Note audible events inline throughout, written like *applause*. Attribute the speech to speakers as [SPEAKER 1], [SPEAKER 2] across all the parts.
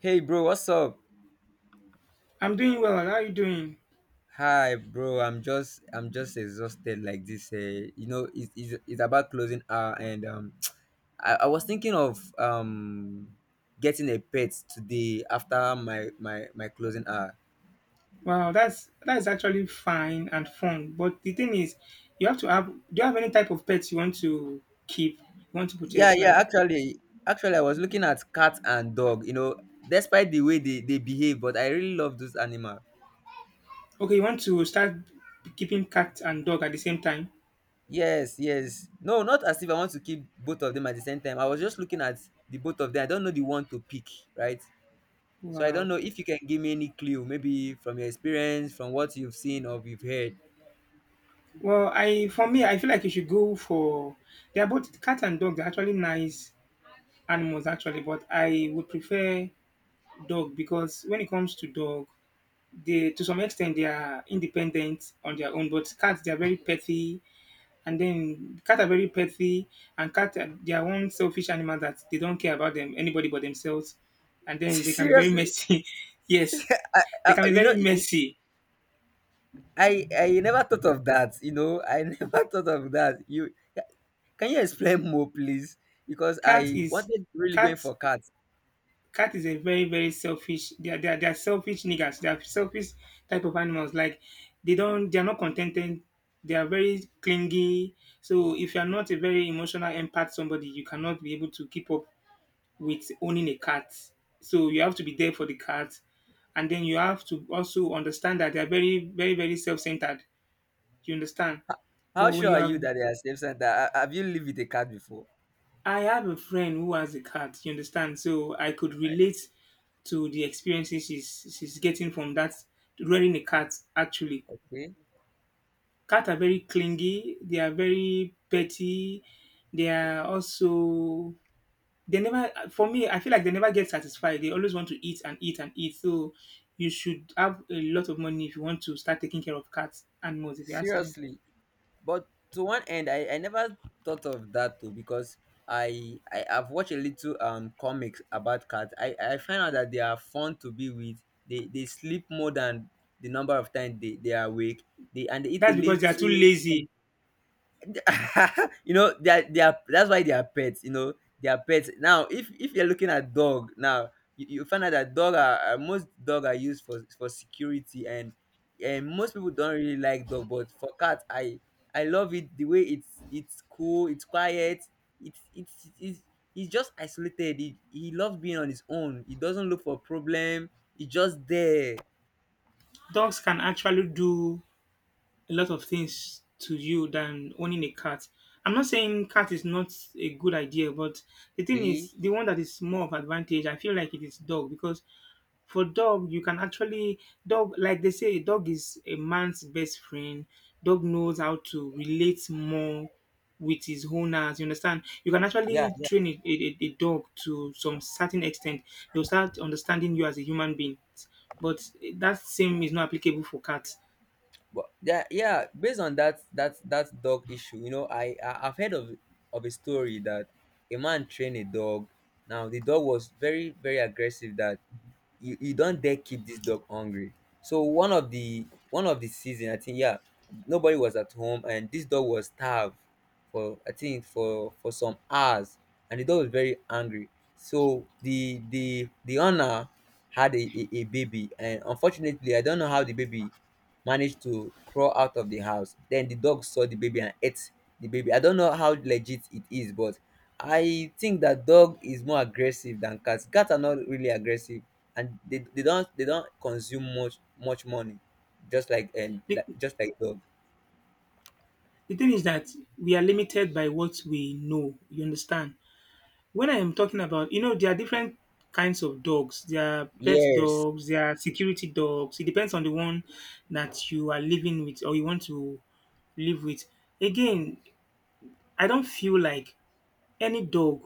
[SPEAKER 1] Hey bro, what's up?
[SPEAKER 2] I'm doing well. How are you doing?
[SPEAKER 1] Hi bro, I'm just exhausted like this. It's about closing hour and *tsk* I was thinking of getting a pet today after my closing hour.
[SPEAKER 2] Wow, that's actually fine and fun. But the thing is, you have to have. Do you have any type of pets you want to keep? You want to
[SPEAKER 1] Yeah,
[SPEAKER 2] purchase?
[SPEAKER 1] yeah.
[SPEAKER 2] Like,
[SPEAKER 1] Actually, I was looking at cat and dog. You know, despite the way they behave, but I really love those animals.
[SPEAKER 2] okay, you want to start keeping cat and dog at the same time?
[SPEAKER 1] Yes, yes. No, not as if I want to keep both of them at the same time. I was just looking at the both of them. I don't know the one to pick, right? So I don't
[SPEAKER 2] Wow.
[SPEAKER 1] know if you can give me any clue, maybe from your experience, from what you've seen or you've heard.
[SPEAKER 2] Well, I for me, I feel like you should go for. They are both cat and dog. They're actually nice animals, actually. But I would prefer dog because when it comes to dog, they to some extent they are independent on their own. But cats, they are very petty. And then cats are very petty, and they are one selfish animal that they don't care about them anybody but themselves. And
[SPEAKER 1] *laughs*
[SPEAKER 2] then they can be very
[SPEAKER 1] Seriously,
[SPEAKER 2] messy. *laughs* Yes,
[SPEAKER 1] I,
[SPEAKER 2] they
[SPEAKER 1] I,
[SPEAKER 2] can be
[SPEAKER 1] you know,
[SPEAKER 2] very messy.
[SPEAKER 1] I never thought of that. You know, I *laughs* never thought of that. You can you explain more, please? Because
[SPEAKER 2] Cat
[SPEAKER 1] I
[SPEAKER 2] is
[SPEAKER 1] wanted really going
[SPEAKER 2] cat
[SPEAKER 1] for cats.
[SPEAKER 2] cat is a very very selfish. They are selfish niggas. They are selfish type of animals. Like they are not contented. They are very clingy. So if you are not a very emotional empath somebody, you cannot be able to keep up with owning a cat. So you have to be there for the cat, and then you have to also understand that they are very, very, very self-centered. You understand?
[SPEAKER 1] How
[SPEAKER 2] But when
[SPEAKER 1] sure
[SPEAKER 2] you
[SPEAKER 1] are
[SPEAKER 2] are,
[SPEAKER 1] you that they are safe center? Have you lived with a cat before?
[SPEAKER 2] I have a friend who has a cat. You understand? So I could relate to the experiences she's getting from that rearing a cat. Actually,
[SPEAKER 1] Okay,
[SPEAKER 2] cats are very clingy. They are very petty. They are also they never for me I feel like they never get satisfied they always want to eat and eat and eat so you should have a lot of money if you want to start taking care of cats animals if you ask me.
[SPEAKER 1] seriously. But to one end, I never thought of that too, because I have watched a little comics about cats. I find out that they are fun to be with. They sleep more than the number of times they are awake, they and they eat a
[SPEAKER 2] That's because they are too
[SPEAKER 1] little.
[SPEAKER 2] lazy.
[SPEAKER 1] *laughs* You know, they are that's why they are pets. You know, they are pets. Now if you're looking at dog now, you find out that dog are, most dog are used for security, and most people don't really like dog. But for cat, I love it. The way it's cool, it's quiet, it's, he's just isolated. He loves being on his own, he doesn't look for problem, he's just there.
[SPEAKER 2] Dogs can actually do a lot of things to you than owning a cat. I'm not saying cat is not a good idea, but the thing is
[SPEAKER 1] Okay.
[SPEAKER 2] the one that is more of advantage I feel like it is dog because. For dog, you can actually dog like they say, dog is a man's best friend. Dog knows how to relate more with his owners. You understand? You can actually
[SPEAKER 1] Yeah.
[SPEAKER 2] train a dog to some certain extent. They'll start understanding you as a human being. But that same is not applicable for cats.
[SPEAKER 1] But yeah, yeah, based on that dog issue, you know, I've heard of a story that a man trained a dog. Now the dog was very aggressive, that you don't dare keep this dog hungry. So one of the season, I think, yeah, nobody was at home and this dog was starved for, I think, for some hours, and the dog was very angry. So the owner had a baby, and unfortunately I don't know how the baby managed to crawl out of the house. Then the dog saw the baby and ate the baby. I don't know how legit it is, but I think that dog is more aggressive than cats. Cats are not really aggressive, and they don't, they don't consume much money, just like and
[SPEAKER 2] The,
[SPEAKER 1] like just like dog.
[SPEAKER 2] the thing is that we are limited by what we know. You understand? When I am talking about, there are different kinds of dogs. There are pet
[SPEAKER 1] Yes,
[SPEAKER 2] dogs, there are security dogs. It depends on the one that you are living with or you want to live with. Again, I don't feel like any dog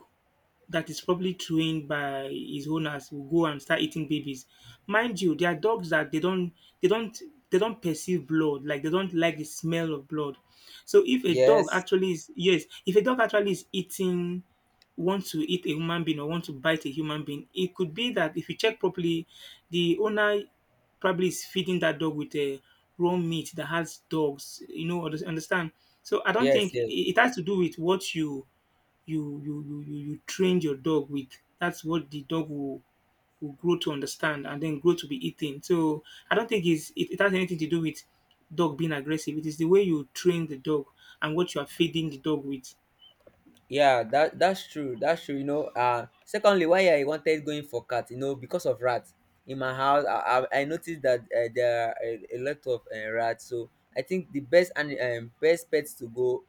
[SPEAKER 2] that is probably trained by his owners will go and start eating babies. Mind you, there are dogs that they don't they don't perceive blood, like they don't like the smell of blood. So if a dog
[SPEAKER 1] yes,
[SPEAKER 2] actually is yes, if a dog actually is eating want to eat a human being or want to bite a human being, it could be that if you check properly, the owner probably is feeding that dog with a raw meat that has dogs, understand. So I don't
[SPEAKER 1] yes,
[SPEAKER 2] think it
[SPEAKER 1] yes.
[SPEAKER 2] it has to do with what you trained your dog with. That's what the dog will grow to understand and then grow to be eating. So I don't think it has anything to do with dog being aggressive. It is the way you train the dog and what you are feeding the dog with.
[SPEAKER 1] Yeah, that's true. You know, secondly, why I wanted going for cat, you know, because of rats in my house. I noticed that, there are a lot of, rats. So I think the best and, best pets to go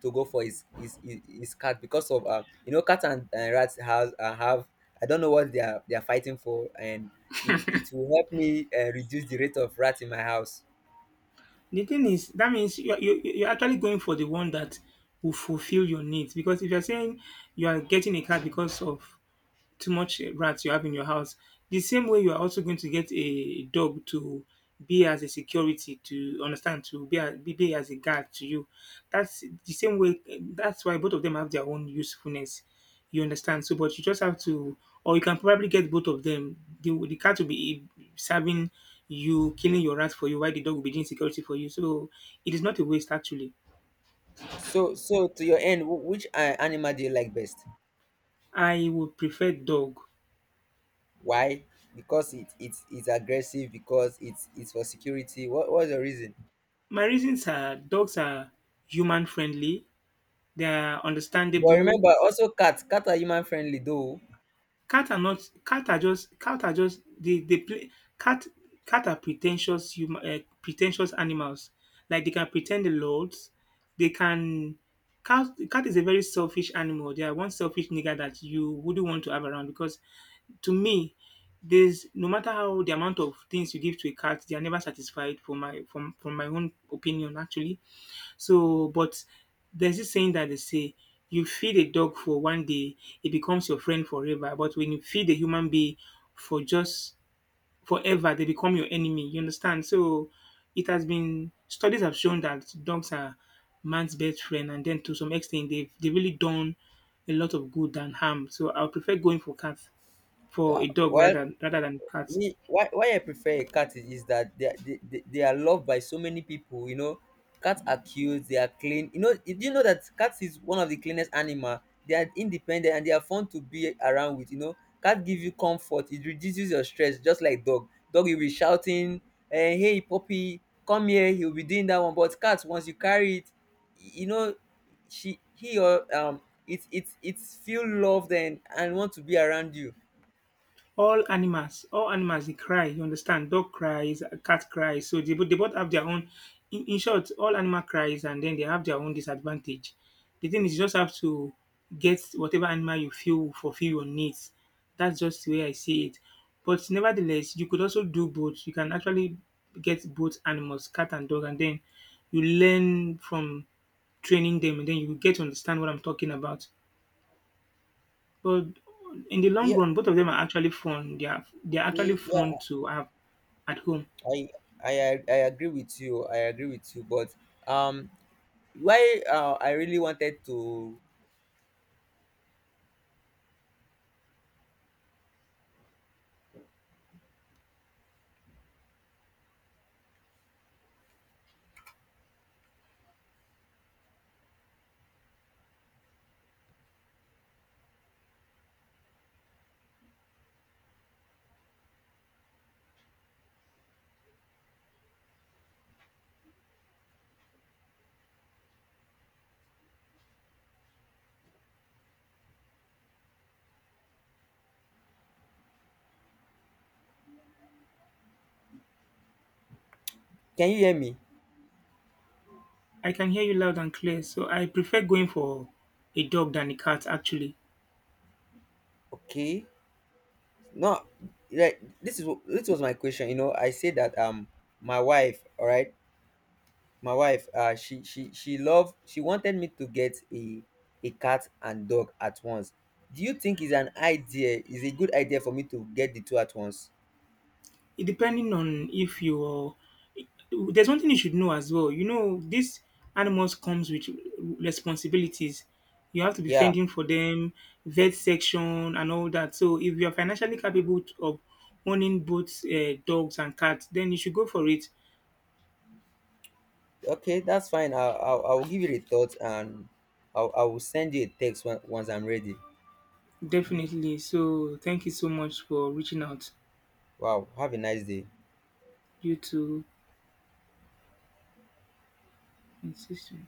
[SPEAKER 1] for his his cat, because of, uh, you know, cats and rats have, have, I don't know what they are, they are fighting for, and it will help me, reduce the rate of rats in my house.
[SPEAKER 2] The thing is, that means you're actually going for the one that will fulfill your needs. Because if you're saying you are getting a cat because of too much rats you have in your house. The same way you are also going to get a dog to be as a security to understand to be as a guard to you. That's the same way. That's why both of them have their own usefulness. You understand? So, but you just have to, or you can probably get both of them. The cat will be serving you, killing your rat for you, while the dog will be doing security for you. So it is not a waste actually.
[SPEAKER 1] So, so to your end, which, animal do you like best?
[SPEAKER 2] I would prefer dog.
[SPEAKER 1] Why? Because it, it's aggressive. Because it's for security. What what's the reason?
[SPEAKER 2] My reasons are dogs are human friendly. They are
[SPEAKER 1] But
[SPEAKER 2] understandable.
[SPEAKER 1] remember, also cats. Cats are human friendly though.
[SPEAKER 2] Cat are not cat are just cat are just they play cat cat are pretentious hum pretentious animals. Like they can pretend a lot. They can Cat is a very selfish animal. They are one selfish nigger that you wouldn't want to have around because to me there's no matter how the amount of things you give to a cat, they are never satisfied. For my from my own opinion actually. So, but there's this saying that they say, you feed a dog for one day, it becomes your friend forever. But when you feed a human being for just forever, they become your enemy. You understand? So it has been studies have shown that dogs are man's best friend, and then to some extent, they really done a lot of good than harm. So I would prefer going for
[SPEAKER 1] Yeah.
[SPEAKER 2] a dog
[SPEAKER 1] While
[SPEAKER 2] rather than cats.
[SPEAKER 1] me, why I prefer a cat is that they are loved by so many people. You know, cats are cute, they are clean. You know, do you know that cats is one of the cleanest animal? They are independent, and they are fun to be around with. You know, cat give you comfort, it reduces your stress. Just like dog, dog will be shouting, eh, hey puppy, come here. He will be doing that one. But cat, once you carry it, you know, she, he or it, it it feel loved and want to be around you.
[SPEAKER 2] All animals they cry. You understand dog cries, a cat cries so they both dey both have their own in short all animal cries and then they have their own disadvantage. The thing is you just have to get whatever animal you feel will fulfill your needs. That's just the way I see it, but nevertheless you could also do both. You can actually get both animals cat and dog and then you learn from training them, and then you will get to understand what I'm talking about. But in the long
[SPEAKER 1] Yeah,
[SPEAKER 2] run, both of them are actually fun. They are actually fun
[SPEAKER 1] yeah,
[SPEAKER 2] to have at home.
[SPEAKER 1] I I agree with you. I agree with you. But um, why, I really wanted to. Can you hear me?
[SPEAKER 2] I can hear you loud and clear, so I prefer going for a dog than a cat. Actually,
[SPEAKER 1] Okay. No, like this is this was my question. You know, I said that, my wife. All right, my wife. She loved. She wanted me to get a cat and dog at once. Do you think is an idea? Is a good idea for me to get the two at once?
[SPEAKER 2] it depending on if you're. There's one thing you should know as well. You know, these animals comes with responsibilities. You have to be
[SPEAKER 1] Yeah.
[SPEAKER 2] fending for them, vet section, and all that. So if you are financially capable of owning both dogs and cats, then you should go for it.
[SPEAKER 1] Okay, that's fine. I'll give it a thought, and I will send you a text when, once I'm ready.
[SPEAKER 2] Definitely. So, thank you so much for reaching out.
[SPEAKER 1] Wow, have a nice day.
[SPEAKER 2] You too. Insistent.